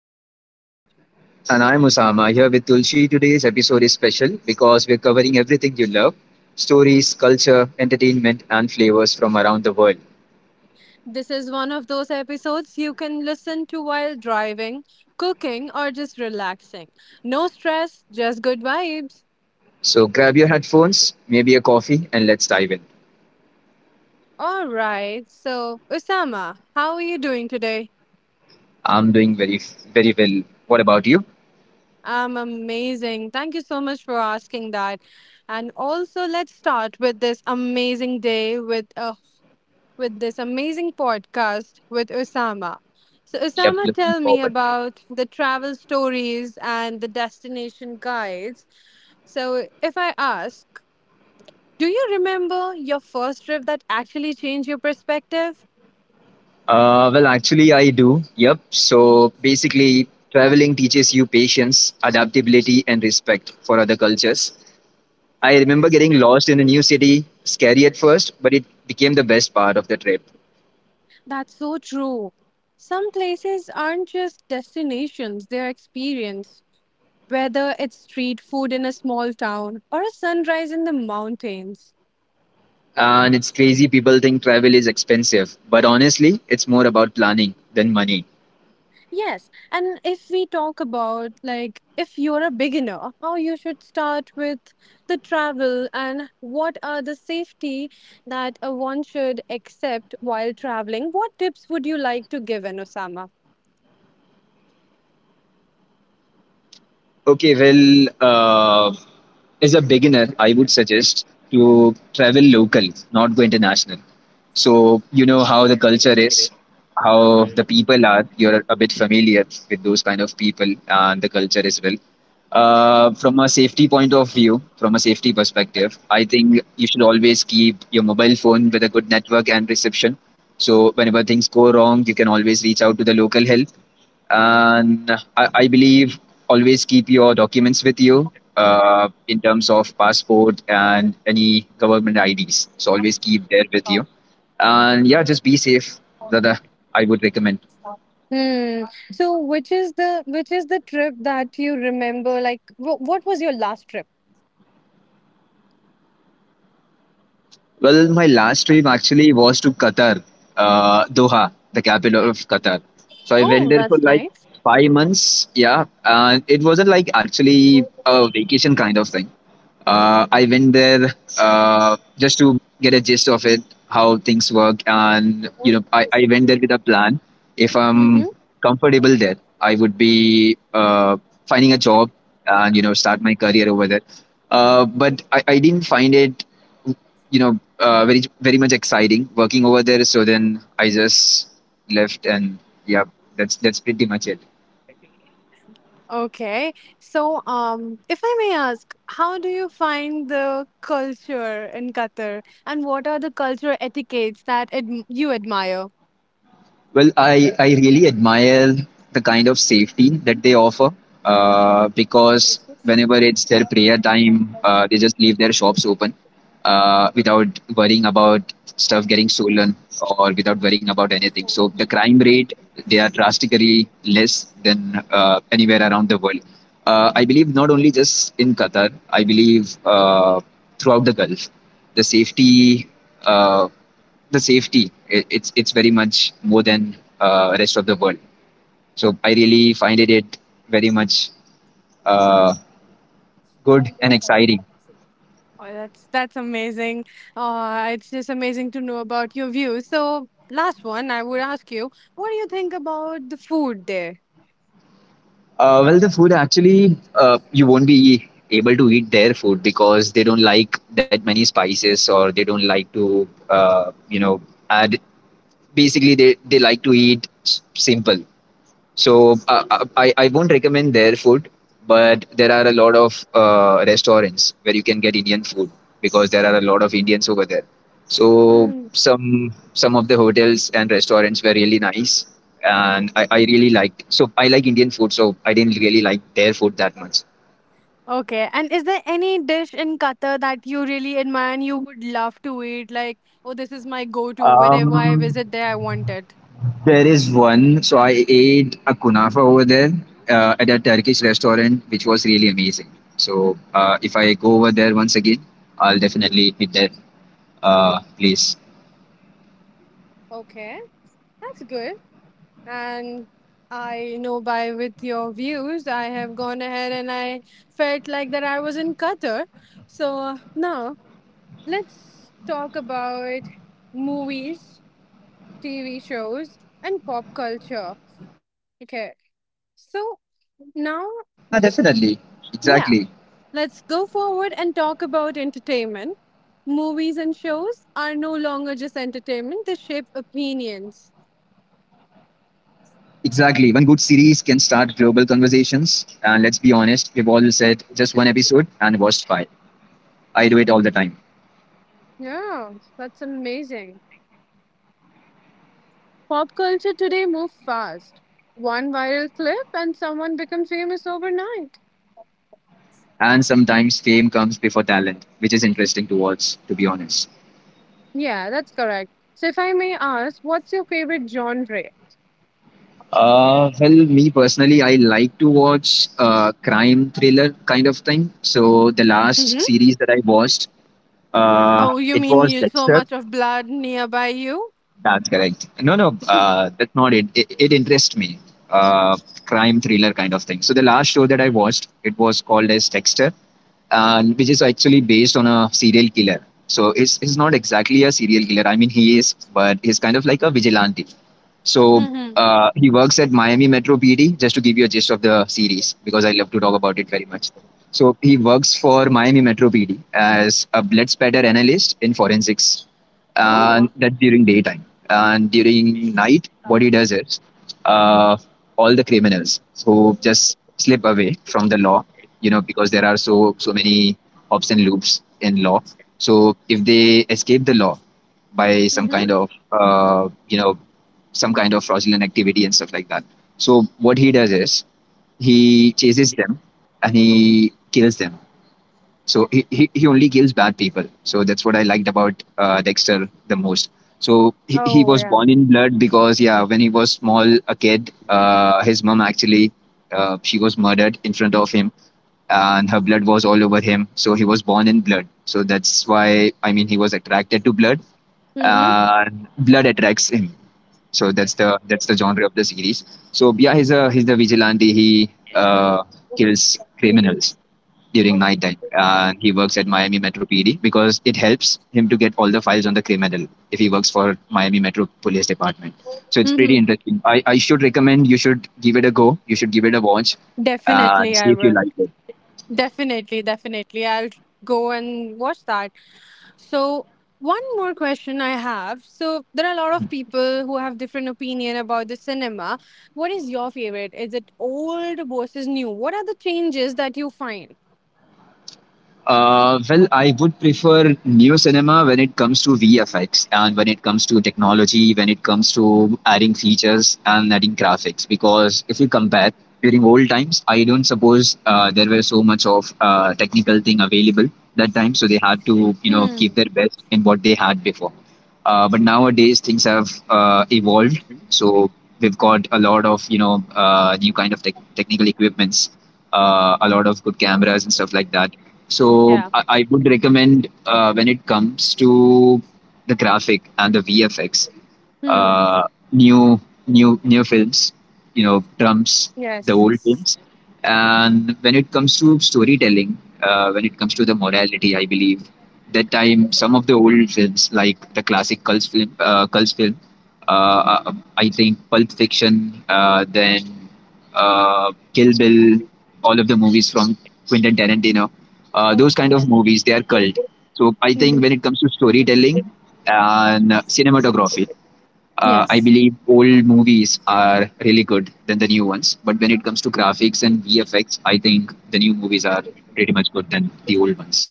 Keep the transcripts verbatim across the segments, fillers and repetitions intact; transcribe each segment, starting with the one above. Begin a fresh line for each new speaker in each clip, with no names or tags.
exciting.
And I'm Osama here with Tulsi. Today's episode is special because we're covering everything you love: stories, culture, entertainment, and flavors from around the world.
This is one of those episodes you can listen to while driving, cooking, or just relaxing. No stress, just good vibes.
So grab your headphones, maybe a coffee, and let's dive in.
All right, so Osama, how are you doing today?
I'm doing very, very well. What about you?
I'm amazing. Thank you so much for asking that. And also, let's start with this amazing day with a with this amazing podcast with Osama. So,
Yep,
Osama,
looking
tell me
forward to it.
about the travel stories and the destination guides. So, if I ask, do you remember your first trip that actually changed your perspective?
Uh, well, actually, I do. Yep. So basically, traveling teaches you patience, adaptability, and respect for other cultures. I remember getting lost in a new city, scary at first, but it became the best part of the trip.
That's so true. Some places aren't just destinations, they're experience, whether it's street food in a small town or a sunrise in the mountains.
And it's crazy. People think travel is expensive, but honestly, it's more about planning than money.
Yes, and if we talk about, like, if you're a beginner, how you should start with the travel and what are the safety that uh, one should accept while traveling, what tips would you like to give in, Osama?
Okay, well, uh, as a beginner, I would suggest to travel local, not go international. So you know how the culture is, how the people are. You're a bit familiar with those kind of people and the culture as well. Uh, from a safety point of view, from a safety perspective, I think you should always keep your mobile phone with a good network and reception. So whenever things go wrong, you can always reach out to the local help. And I, I believe always keep your documents with you uh, in terms of passport and any government I Ds. So always keep there with you. And yeah, just be safe. That I would recommend.
Hmm. So, which is the which is the trip that you remember? Like, wh- what was your last trip?
Well, my last trip actually was to Qatar, uh, Doha, the capital of Qatar. So I went
Oh,
there for
that's
like
nice.
five months. Yeah, and it wasn't like actually a vacation kind of thing. Uh, I went there uh, just to get a gist of it, how things work, and you know, I, I went there with a plan. If I'm
Mm-hmm.
comfortable there, I would be uh, finding a job and you know start my career over there. Uh, but I, I didn't find it, you know, uh, very very much exciting working over there. So then I just left, and yeah, that's that's pretty much it.
Okay. So, um, if I may ask, how do you find the culture in Qatar, and what are the cultural etiquettes that adm you admire?
Well, I, I really admire the kind of safety that they offer uh, because whenever it's their prayer time, uh, they just leave their shops open uh, without worrying about stuff getting stolen or without worrying about anything. So the crime rate, they are drastically less than uh, anywhere around the world. Uh, I believe not only just in Qatar, I believe uh, throughout the Gulf, the safety. Uh, the safety i- it's it's very much more than uh, rest of the world, so I really find it, it very much uh, good and exciting.
Oh, that's that's amazing. Uh, it's just amazing to know about your views. So, last one, I would ask you, what do you think about the food there?
Uh, well the food actually, uh, you won't be able to eat their food because they don't like that many spices, or they don't like to uh, you know add. Basically they, they like to eat s- simple. So uh, uh, I I won't recommend their food, but there are a lot of uh, restaurants where you can get Indian food because there are a lot of Indians over there. So
Mhm.
some some of the hotels and restaurants were really nice, and I, I really liked. So I like Indian food, so I didn't really like their food that much.
Okay. And is there any dish in Qatar that you really admire and you would love to eat? Like, oh, this is my go to. Whenever I
Um,
visit there, I want it.
there is one. So I ate a kunafa over there uh, at a Turkish restaurant, which was really amazing. So uh, if I go over there once again, I'll definitely eat there. Uh, please.
Okay. That's good. And I know by with your views, I have gone ahead and I felt like that I was in Qatar. So now let's talk about movies, T V shows, and pop culture. Okay.
Yeah,
So
definitely.
now
Exactly.
just, yeah, let's go forward and talk about entertainment. Movies and shows are no longer just entertainment, they shape opinions.
Exactly. One good series can start global conversations. And let's be honest, we've all said just one episode and watched five. I do it all the time.
Yeah, that's amazing. Pop culture today moves fast. One viral clip and someone becomes famous overnight.
And sometimes fame comes before talent, which is interesting to watch, to be honest.
Yeah, that's correct. So, if I may ask, what's your favorite genre?
Uh, well, me personally, I like to watch uh, crime thriller kind of thing. So the last
Mhm.
series that I watched, uh,
Oh, you
it
mean
was
you so
Dexter.
much of blood nearby you?
That's correct. No, no, uh, that's not it. It, it interests me. Uh, Crime thriller kind of thing. So the last show that I watched, it was called as Dexter, uh, which is actually based on a serial killer. So it's, it's not exactly a serial killer. I mean, he is, but he's kind of like a vigilante. So
Mm-hmm.
uh, he works at Miami Metro P D, just to give you a gist of the series, because I love to talk about it very much. So he works for Miami Metro P D as a blood spatter analyst in forensics, and
Oh.
that's during daytime. And during night, what he does is uh, all the criminals who just slip away from the law, you know, because there are so so many hops and loops in law. So if they escape the law by some
Mm-hmm.
kind of uh, you know some kind of fraudulent activity and stuff like that. So what he does is he chases them and he kills them. So he, he, he only kills bad people. So that's what I liked about uh, Dexter the most. So he, he
Oh
was
yeah.
born in blood because yeah, when he was small, a kid, uh, his mom actually uh, she was murdered in front of him, and her blood was all over him. So he was born in blood. So that's why I mean he was attracted to blood,
Mm-hmm.
and blood attracts him. So that's the that's the genre of the series. So yeah, he's a he's the vigilante. He uh, kills criminals during nighttime, and he works at Miami Metro P D because it helps him to get all the files on the criminal if he works for Miami Metro Police Department. So it's pretty
Mm-hmm.
interesting. I, I should recommend you should give it a go. You should give it a watch and
Definitely,
see
I
if you
will.
like it.
Definitely, definitely. I'll go and watch that. So, one more question I have. So, there are a lot of people who have different opinion about the cinema. What is your favorite? Is it old versus new? What are the changes that you find?
Uh, well, I would prefer new cinema when it comes to V F X and when it comes to technology, when it comes to adding features and adding graphics. Because if you compare during old times, I don't suppose uh, there were so much of uh, technical thing available that time, so they had to you know keep
Hmm.
their best in what they had before. Uh, but nowadays things have uh, evolved, so we've got a lot of you know uh, new kind of tech technical equipments, uh, a lot of good cameras and stuff like that. So
Yeah.
I, I would recommend uh, when it comes to the graphic and the V F X,
Hmm.
uh, new new new films, you know, trumps the old
Yes.
films. And when it comes to storytelling, uh, when it comes to the morality, I believe that time some of the old films like the classic cult film, uh, cult film, uh, uh, I think Pulp Fiction, uh, then uh, Kill Bill, all of the movies from Quentin Tarantino, uh, those kind of movies they are cult. So I think
Mhm.
when it comes to storytelling and uh, cinematography, uh, I
Yes.
believe old movies are really good than the new ones. But when it comes to graphics and V F X, I think the new movies are pretty much good than the old ones.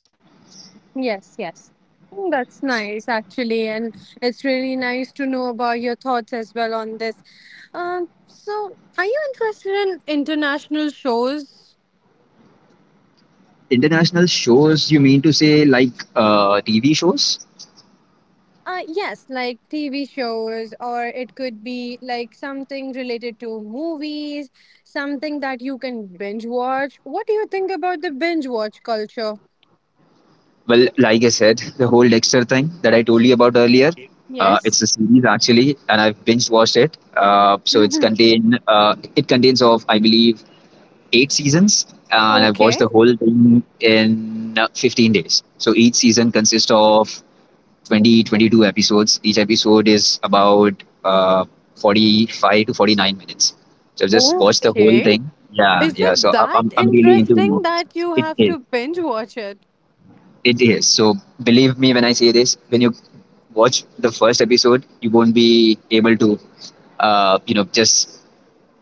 Yes. Yes. Mm, that's nice, actually, and it's really nice to know about your thoughts as well on this. Um, so are you interested in international shows?
International shows, you mean to say like uh, T V shows?
Uh, yes, like T V shows, or it could be like something related to movies, something that you can binge watch. What do you think about the binge watch culture?
Well, like I said, the whole Dexter thing that I told you about earlier. Uh, it's
Yes.
a series actually, and I've binge watched it. Uh, so it's
Mm-hmm.
contain uh, it contains of I believe eight seasons, and I've watched
Okay.
the whole thing in uh, fifteen days. So each season consists of Twenty twenty-two episodes. Each episode is about uh, forty-five to forty-nine minutes. So just watch the whole
Okay.
thing. Yeah,
Is
yeah.
it
So i
that
I'm I'm really into
interesting
movies.
that you
It
have
is.
to binge watch it?
It is. So believe me when I say this, when you watch the first episode, you won't be able to, uh, you know, just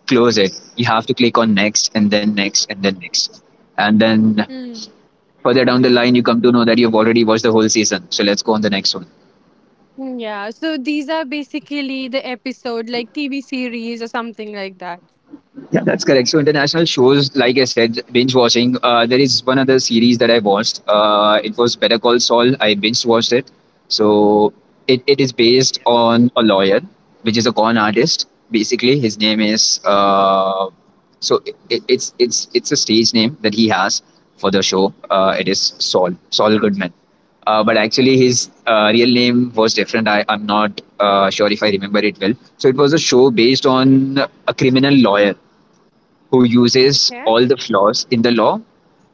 close it. You have to click on next and then next and then next. And then
Mm.
further down the line, you come to know that you've already watched the whole season. So let's go on the next one.
Yeah, so these are basically the episode, like T V series or something like that.
Yeah, that's correct. So international shows, like I said, binge watching. Uh, there is one other series that I watched. Uh, it was Better Call Saul. I binge watched it. So it, it is based on a lawyer, which is a con artist. Basically, his name is uh, so it, it- it's it's it's a stage name that he has for the show. Uh, it is Saul Saul Goodman. Uh, but actually, his uh, real name was different. I, I'm not uh, sure if I remember it well. So, it was a show based on a criminal lawyer who uses
Okay.
all the flaws in the law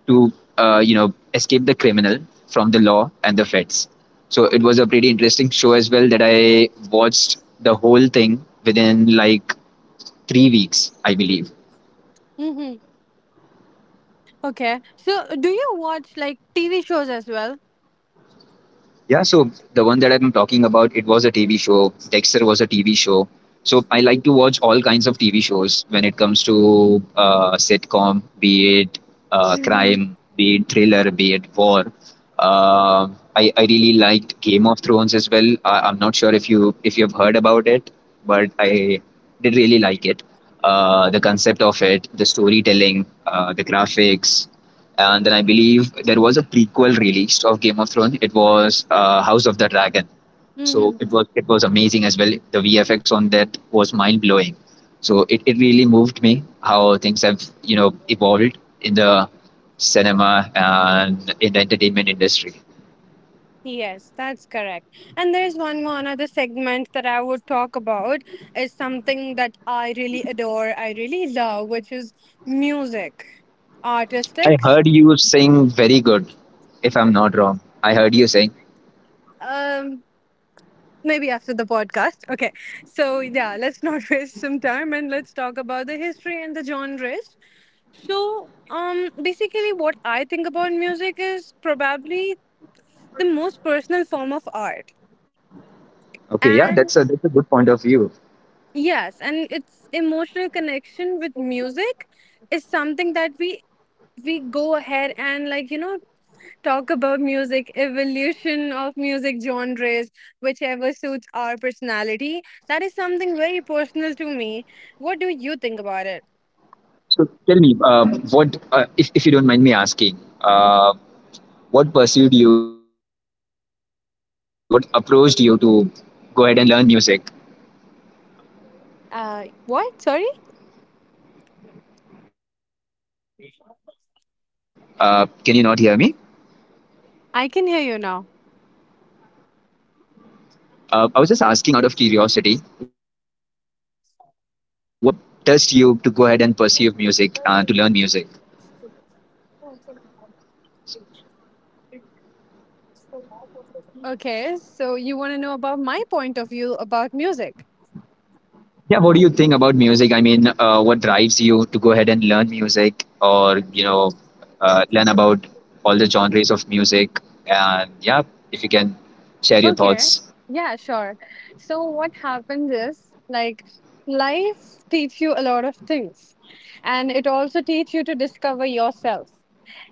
to uh, you know escape the criminal from the law and the feds. So it was a pretty interesting show as well that I watched the whole thing within like three weeks, I believe.
Mm-hmm. Okay. So, do you watch like T V shows as well?
Yeah, so the one that I've been talking about, it was a T V show. Dexter was a T V show. So I like to watch all kinds of T V shows when it comes to uh, sitcom, be it uh,
Mm-hmm.
crime, be it thriller, be it war. Uh, I, I really liked Game of Thrones as well. I, I'm not sure if you if you've heard about it, but I did really like it. Uh, the concept of it, the storytelling, uh, the graphics, and then I believe there was a prequel released of Game of Thrones. It was uh, House of the Dragon. So
Mm-hmm.
it was it was amazing as well. The V F X on that was mind blowing. So it, it really moved me how things have you know evolved in the cinema and in the entertainment industry.
Yes, that's correct. And there's one more another segment that I would talk about is something that I really adore, I really love, which is music,
I
artistics.
heard you sing very good, if I'm not wrong. I heard you sing.
Um, Maybe after the podcast. Okay. So, yeah, let's not waste some time and let's talk about the history and the genres. So, um, basically, what I think about music is probably the most personal form of art.
Okay, yeah,
And
that's a that's a good point of view.
yes, and its emotional connection with music is something that we we go ahead and, like, you know, talk about music, evolution of music genres, whichever suits our personality. That is something very personal to me. What do you think about
So
it?
tell me, uh, what uh, if if you don't mind me asking, uh, what pursued you to uh, what approached you to go ahead and learn music.
Uh what sorry
uh, can you not hear me?
i can hear you now.
Uh, i was just asking out of curiosity what actually uh, touched you to go ahead and pursue music and to learn music.
Okay, so you want to know about my point of view about music.
Yeah, what do you think about music? I mean, uh, what drives you to go ahead and learn music, or you know uh, learn about all the genres of music. And yeah, if you can share your
Okay.
thoughts.
Yeah, sure. So what happens is, like, life teach you a lot of things, and it also teach you to discover yourself.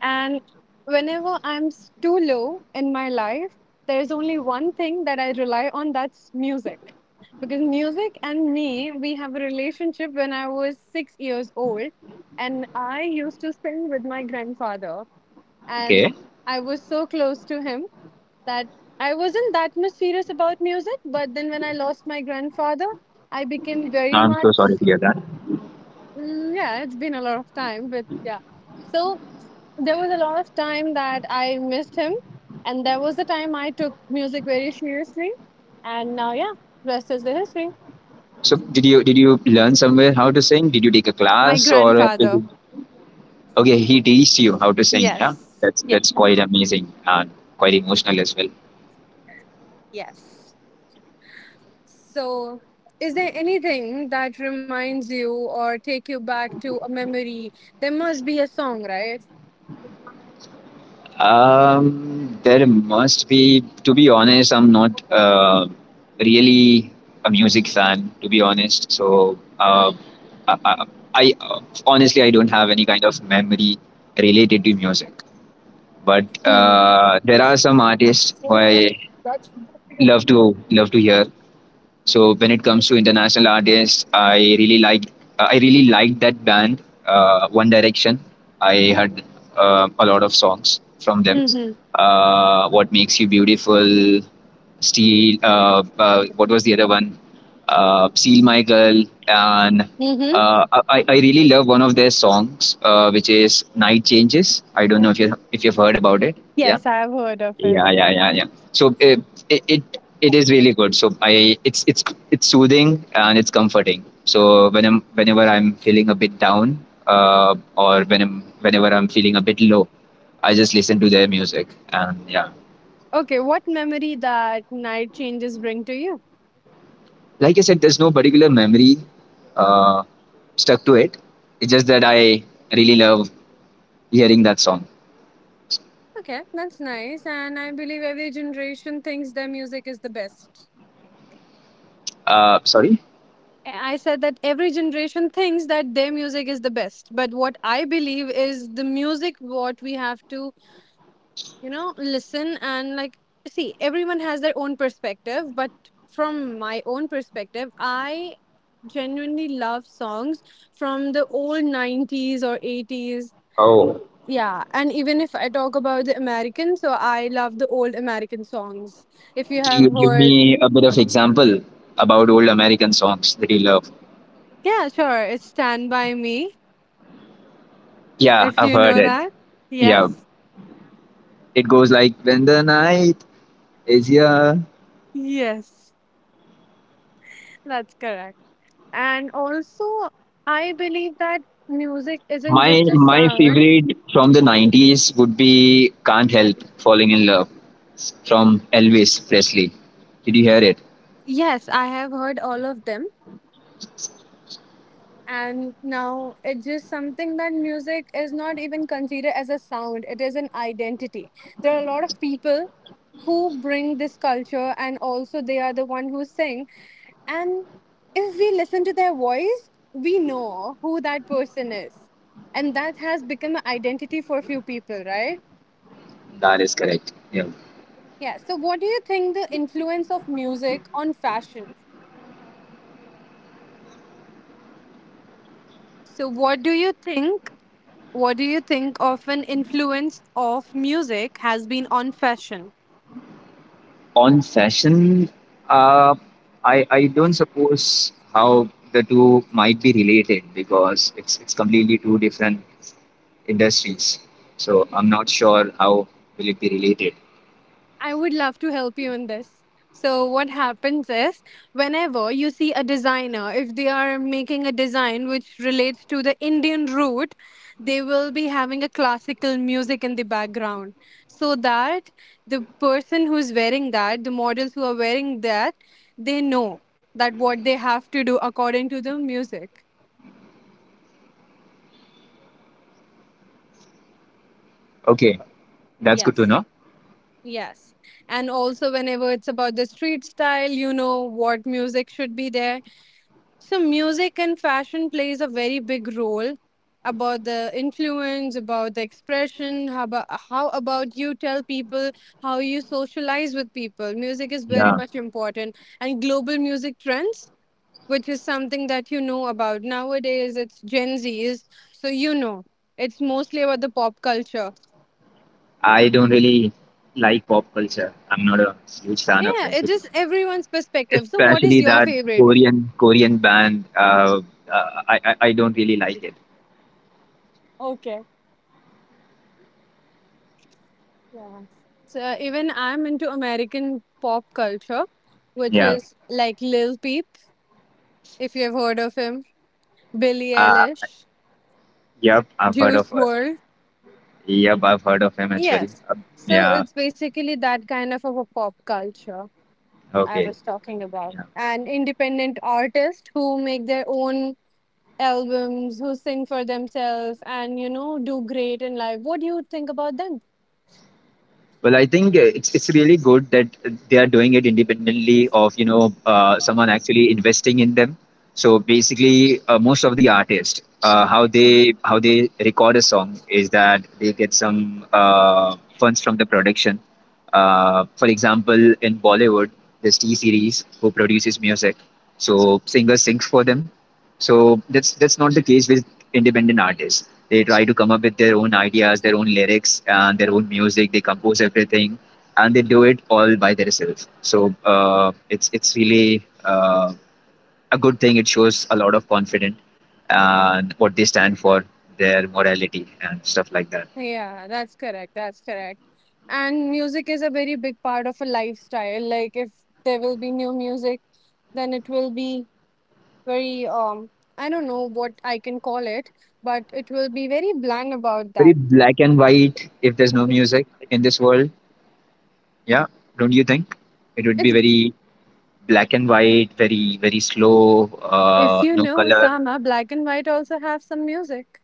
And whenever I'm s- too low in my life, there is only one thing that I rely on, that's music. Because music and me, we have a relationship when I was six years old and I used to sing with my grandfather, and
Okay,
I was so close to him that I wasn't that much serious about music, but then when I lost my grandfather, I became very
I'm so
much,
sorry to hear that.
mm, yeah, it's been a lot of time, but yeah. So there was a lot of time that I missed him, and there was a time I took music very seriously, and now, yeah, rest is the history.
So did you did you learn somewhere how to sing? Did you take a
My
class, or
grandfather,
okay? He teached you how to sing. Yeah,
yes,
that's
yes,
that's quite amazing and quite emotional as well.
yes. So, is there anything that reminds you or take you back to a memory? There must be a song, right?
Um, there must be. To be honest, I'm not uh, really a music fan. To be honest, so uh, I, I, I uh, honestly I don't have any kind of memory related to music. But
Mm-hmm.
uh, there are some artists who I love to love to hear. So when it comes to international artists, I really like, uh, I really like that band, uh, One Direction. I heard uh, a lot of songs from them.
Mhm.
Uh, what makes you beautiful? Steel. Uh, uh, what was the other one? Uh, Seal my girl. And
Mhm.
uh, I, I really love one of their songs, uh, which is Night Changes. I don't know if you if you've heard about it. Yeah
Yes, I've heard of it.
yeah yeah yeah yeah So it it, it it is really good. So I it's it's it's soothing and it's comforting. So when i'm whenever I'm feeling a bit down, uh, or when i'm whenever I'm feeling a bit low, I just listen to their music. And yeah,
Okay, what memory that Night Changes bring to you?
like I said, there's no particular memory uh, stuck to it. It's just that I really love hearing that song.
Okay, that's nice. And I believe every generation thinks their music is the best.
Uh, sorry.
I I said that every generation thinks that their music is the best, but what I believe is the music what we have to, you know, listen and like, see, everyone has their own perspective, but from my own perspective, I genuinely love songs from the old nineties or eighties.
Oh,
Yeah, and even if I talk about the American, so I love the old American songs. If you
can
have
you give
heard,
me a bit of example about old american songs that you love?
yeah, sure, it's Stand By Me,
Yeah,
if
I've
you
heard
know
it.
that.
Yeah,
Yes,
it goes like when the night is here.
yes, that's correct. And also, I believe that music isn't
My
just a
my
sound.
favorite from the nineties would be "Can't Help Falling in Love" from Elvis Presley. Did you hear it?
Yes, I have heard all of them. And now it's just something that music is not even considered as a sound, it is an identity. There are a lot of people who bring this culture and also they are the one who sing. And if we listen to their voice, we know who that person is. And that has become an identity for a few people, right?
That is correct. Yeah.
Yeah. So what do you think the influence of music on fashion? So what do you think What do you think of an influence of music has been on fashion?
On fashion, uh, I I don't suppose how the two might be related, because it's it's completely two different industries. So I'm not sure how will it be related.
I would love to help you in this. So, what happens is whenever you see a designer, if they are making a design which relates to the Indian root, they will be having a classical music in the background so that the person who's wearing that, the models who are wearing that, they know that what they have to do according to the music.
Okay, that's good to know.
Yes. And also, whenever it's about the street style, you know what music should be there. So music and fashion plays a very big role about the influence, about the expression. How about, how about you tell people how you socialize with people? Music is very
Yeah.
much important, and global music trends, which is something that you know about. Nowadays it's Gen Z's, so you know. It's mostly about the pop culture.
I don't really like pop culture. I'm not a huge fan of
Yeah,
it, to
it's
be
just everyone's
honest.
perspective. So what is
Especially
your
that
favorite?
Korean Korean band. Uh, uh, I, I I don't really like it.
Okay. So even I'm into American pop culture, which
Yeah.
is like Lil Peep, if you've heard of him, Billie
Uh,
Eilish,
yep, I've heard of
Juice
her.
World.
Yep, I've heard of him as well.
Yes.
Uh,
So
yeah.
it's basically that kind of a pop culture I
Okay.
was talking about.
Yeah.
And independent artists who make their own albums, who sing for themselves and, you know, do great in life. What do you think about them?
Well, I think uh, it's it's really good that uh, they are doing it independently of, you know uh, someone actually investing in them. So basically, uh, most of the artists, uh, how they how they record a song is that they get some uh, funds from the production. Uh, for example, in Bollywood, there's T series who produces music, so singer sings for them. So that's that's not the case with independent artists. They try to come up with their own ideas, their own lyrics, and their own music. They compose everything, and they do it all by themselves. So uh, it's it's really uh, a good thing. It shows a lot of confidence and what they stand for, their morality and stuff like that.
Yeah, that's correct. That's correct. And music is a very big part of a lifestyle. Like if there will be new music, then it will be very, um, I don't know what I can call it, but it will be very bland about
Very
that.
black and white. If there's no music in this world, yeah, don't you think? It would be
It's
very black and white, very very slow,
if
uh,
you
no
know,
color.
Osama, black and white also have some music.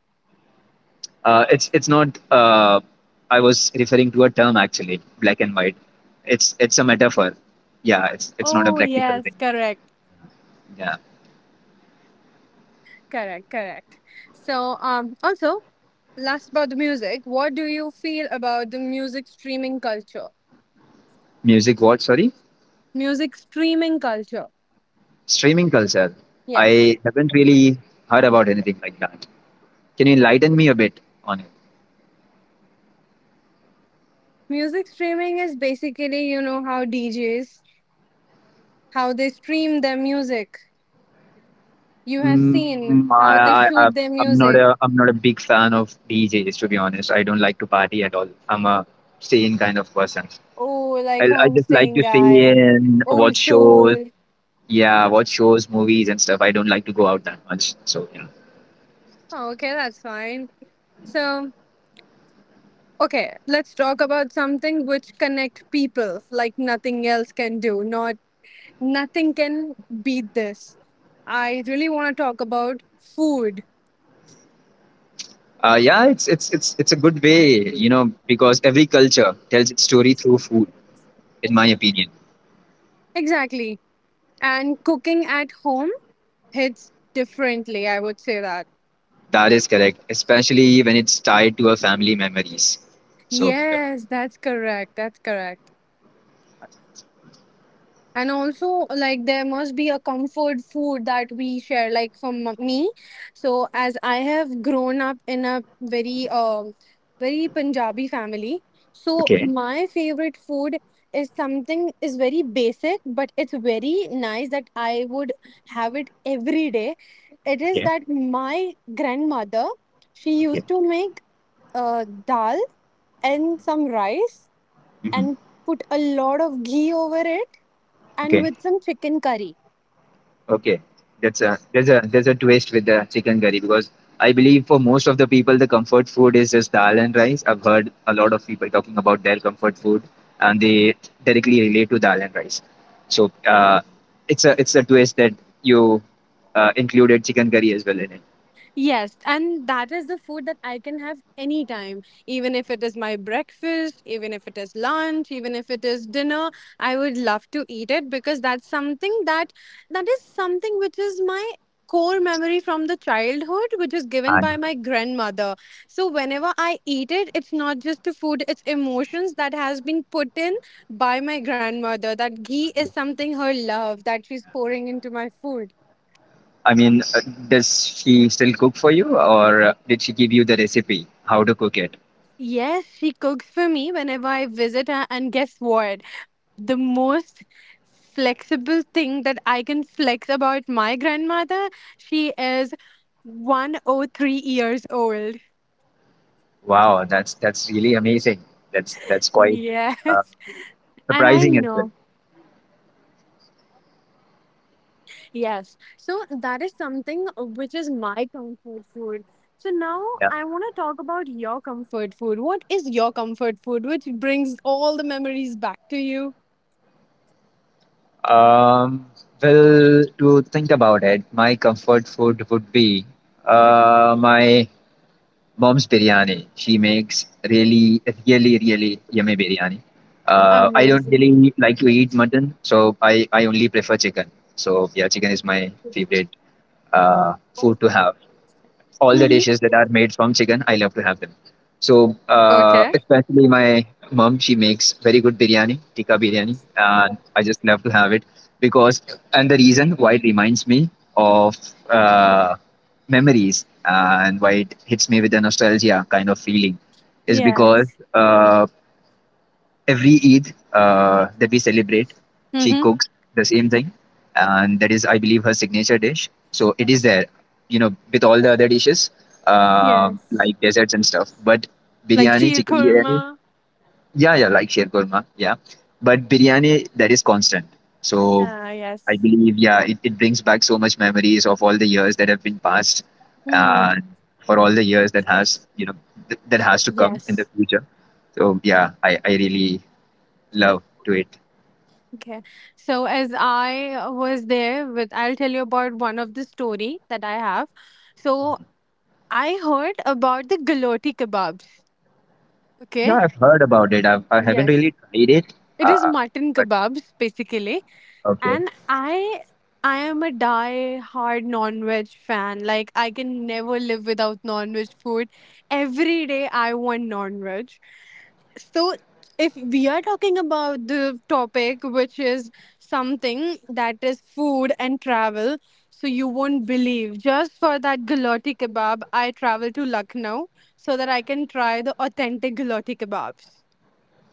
Uh, it's it's not. Uh, I was referring to a term actually, black and white. It's it's a metaphor. Yeah, it's it's not a
Oh
practical
yes,
thing.
correct.
Yeah,
Correct, correct. So, um, also last about the music, what do you feel about the music streaming culture?
music. What? Sorry,
Music streaming culture.
streaming culture.
Yes.
I haven't really heard about anything like that. Can you enlighten me a bit on it?
Music streaming is basically, you know, how D Js, how they stream their music. You have seen
Mm,
how they
I, I, I-
shoot their
I'm not
music.
a I'm not a big fan of D Js, to be honest. I don't like to party at all. I'm a stay in kind of person.
Oh, like
I, I just like
homestaying
to stay
guy,
in,
old
watch shows.
school.
Yeah, watch shows, movies, and stuff. I don't like to go out that much. So yeah,
Oh, okay, that's fine. So, okay, let's talk about something which connect people like nothing else can do. Not nothing can beat this. I really want to talk about food.
uh, yeah, it's it's it's it's a good way, you know, because every culture tells its story through food, in my opinion.
Exactly. And cooking at home hits differently, I would say that.
That is correct, especially when it's tied to our family memories. So yeah.
Yes, that's correct. That's correct. And also, like, there must be a comfort food that we share, like, for m- me. So, as I have grown up in a very, um, very Punjabi family, so
Okay,
my favorite food is something is very basic, but it's very nice that I would have it every day. It is
okay,
that my grandmother, she
okay,
used to make uh, dal and some rice
hmm
and put a lot of ghee over it and
okay.
with some chicken curry.
Okay, that's a, there's a there's a twist with the chicken curry, because I believe for most of the people the comfort food is just dal and rice. I've heard a lot of people talking about their comfort food and they directly relate to dal and rice. So uh, it's a it's a twist that you uh, included chicken curry as well in it.
Yes, and that is the food that I can have anytime, even if it is my breakfast, even if it is lunch, even if it is dinner, I would love to eat it because that's something that that is something which is my core memory from the childhood which is given by
And
my grandmother. So whenever I eat it, it's not just the food, it's emotions that has been put in by my grandmother. That ghee is something her love that she's pouring into my food.
I mean, uh, does she still cook for you, or uh, did she give you the recipe how to cook it?
Yes, she cooks for me whenever I visit her. And guess what? The most flexible thing that I can flex about my grandmother, she is one hundred three years old.
Wow, that's that's really amazing. That's that's quite
Yes.
uh,
And I
surprising as well.
know. Yes. So that is something uh, which is my comfort food. So now
Yeah.
I want to talk about your comfort food. What is your comfort food which brings all the memories back to you?
Um, well, to think about it, my comfort food would be uh, my mom's biryani. She makes really, really, really yummy biryani. Uh, I don't
Amazing.
really like to eat mutton, so I, I only prefer chicken. So, yeah, chicken is my favorite uh, food to have. All the
Mm-hmm.
dishes that are made from chicken, I love to have them. So, uh,
Okay.
especially my mom, she makes very good biryani, tikka biryani, and I just love to have it, because, and the reason why it reminds me of uh, memories and why it hits me with a nostalgia kind of feeling is because
Yes.
uh, every Eid uh, that we celebrate, she
Mm-hmm.
cooks the same thing, and that is, I believe, her signature dish. So it is there, you know, with all the other dishes, uh,
Yes.
like desserts and stuff. But
Like
biryani,
sheer
chicken biryani,
korma.
yeah, yeah, like sheer korma, yeah. But biryani, that is constant. So
Ah,
I
yes.
believe, yeah, it, it brings back so much memories of all the years that have been passed,
Mm,
and for all the years that has, you know, th- that has to come in the
yes.
future. So yeah, I, I really Love to it.
Okay. So as I was there with, I'll tell you about one of the story that I have. So I heard about the galoti kebabs.
Yeah,
Okay.
I've heard about it. I've, I haven't really
Yes.
tried it.
It is
Uh,
mutton
but
kebabs basically.
okay.
And I I am a die-hard non-veg fan. Like I can never live without non-veg food. Every day I want non-veg. So if we are talking about the topic which is something that is food and travel, so you won't believe. Just for that gulati kebab, I travel to Lucknow so that I can try the authentic gulati kebabs.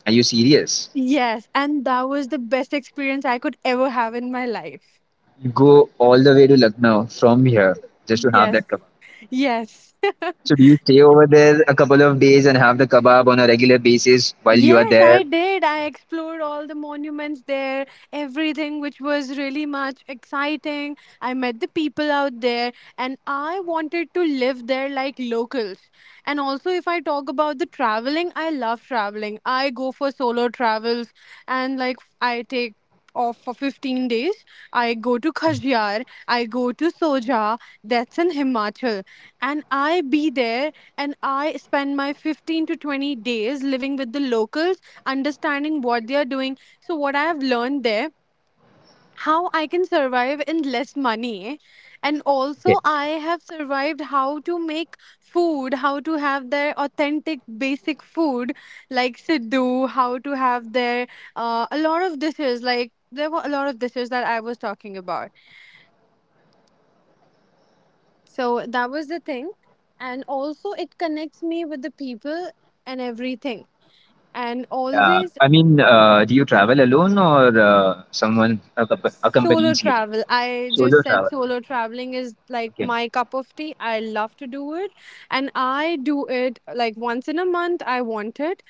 Are you serious?
Yes, and that was the best experience I could ever have in my life.
You go all the way to Lucknow from here just to have
Yes.
that kebab.
Yes.
So do you stay over there a couple of days and have the kebab on a regular basis while you are
Yes,
there?
I did. I explored all the monuments there, everything which was really much exciting. I met the people out there and I wanted to live there like locals. And also, if I talk about the traveling, I love traveling. I go for solo travels and like I take off for fifteen days. I go to Khajiar, I go to Soja, that's in Himachal, and I be there and I spend my fifteen to twenty days living with the locals, understanding what they are doing. So, what I have learned there, how I can survive in less money. And
Okay.
also, I have survived how to make food, how to have their authentic basic food like Sidhu, how to have their uh, a lot of dishes. Like, there were a lot of dishes that I was talking about. So, that was the thing. And also, it connects me with the people and everything. And
Yeah.
always
I mean, uh, do you travel alone, or uh, someone accomp-
solo
accompanies you?
travel. I just
Solo
said
travel.
solo traveling is like
Okay.
my cup of tea. I love to do it. And I do it like once in a month. I want it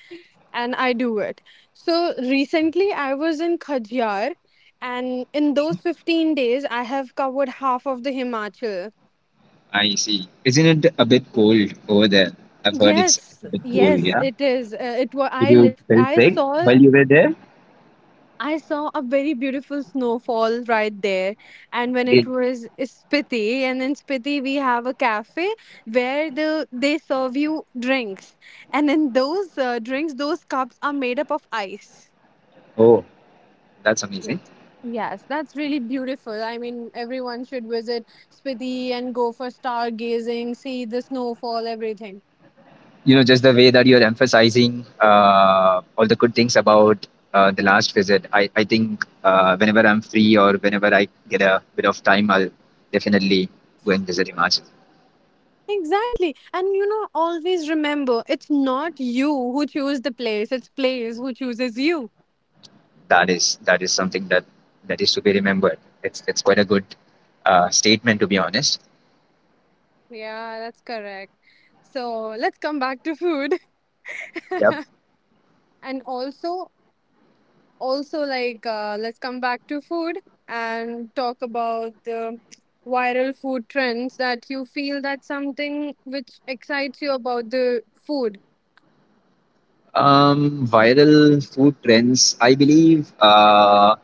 and I do it. So recently I was in Khadyar and in those fifteen days I have covered half of the Himachal.
I see. Isn't it a bit cold over there? I've heard it's a
Yes,
bit cold,
yes,
yeah?
it is. Uh, it was
Did
I
you
lit.
feel
I
sick
saw
while you were there?
I saw a very beautiful snowfall right there. And when it
Really?
was Spiti, and in Spiti we have a cafe where the they serve you drinks, and in those uh, drinks, those cups are made up of ice.
Oh, that's amazing.
Yes, that's really beautiful. I mean, everyone should visit Spiti and go for stargazing, see the snowfall, everything.
You know, just the way that you're emphasizing uh, all the good things about uh, the last visit, I, I think uh, whenever I'm free or whenever I get a bit of time, I'll definitely go and visit Himachal.
Exactly. And you know, always remember it's not you who choose the place, it's place who chooses you.
That is, that is something that, that is to be remembered. It's it's quite a good uh, statement, to be honest.
Yeah, that's correct. So let's come back to food.
Yeah.
And also, also like uh, let's come back to food and talk about the viral food trends that you feel that something which excites you about the food.
Um, viral food trends. I believe uh,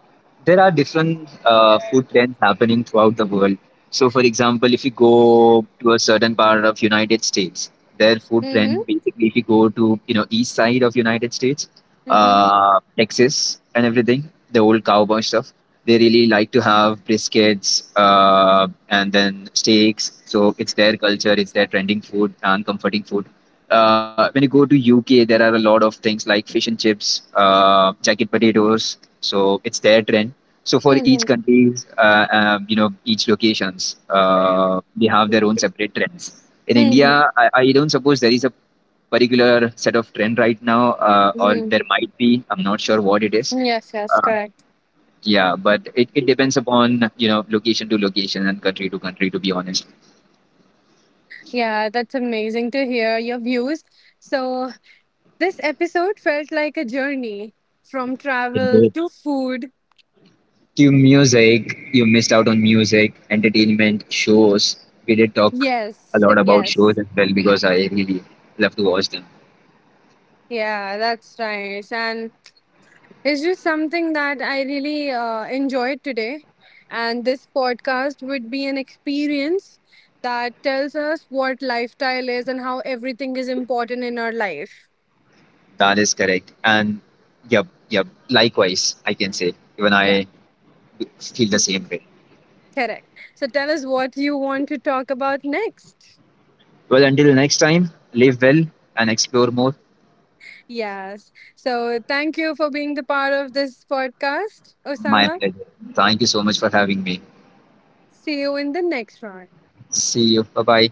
there are different uh, food trends happening throughout the world. So, for example, if you go to a certain part of United States, their food
Mm-hmm.
trend, basically if you go to, you know, east side of United States,
Mm-hmm.
uh, Texas and everything, the old cowboy stuff. They really like to have briskets uh, and then steaks. So it's their culture, it's their trending food and comforting food. uh, when you go to U K, there are a lot of things like fish and chips, uh, jacket potatoes. So it's their trend. So for each
Mm-hmm.
country, uh, um, you know, each locations, uh, they have their own separate trends. In
Mm-hmm.
India, I, I don't suppose there is a particular set of trend right now, uh, or there
Mm-hmm.
might be. I'm not sure what it is.
Yes, yes,
Uh,
correct.
yeah, but it, it depends upon, you know, location to location and country to country. To be honest.
Yeah, that's amazing to hear your views. So this episode felt like a journey from travel to food.
To music, you missed out on music, entertainment, shows. We did talk a
Yes,
lot about shows
yes.
as well because I really love to watch them.
Yeah, that's nice. And it's just something that I really uh, enjoyed today. And this podcast would be an experience that tells us what lifestyle is and how everything is important in our life.
That is correct. And yep, yep, likewise, I can say. Even
Yeah,
I feel the same way.
correct. So tell us what you want to talk about next.
Well, until next time, live well and explore more.
Yes. So thank you for being the part of this podcast,
My
Osama.
pleasure. Thank you so much for having me.
See you in the next round.
See you. Bye bye.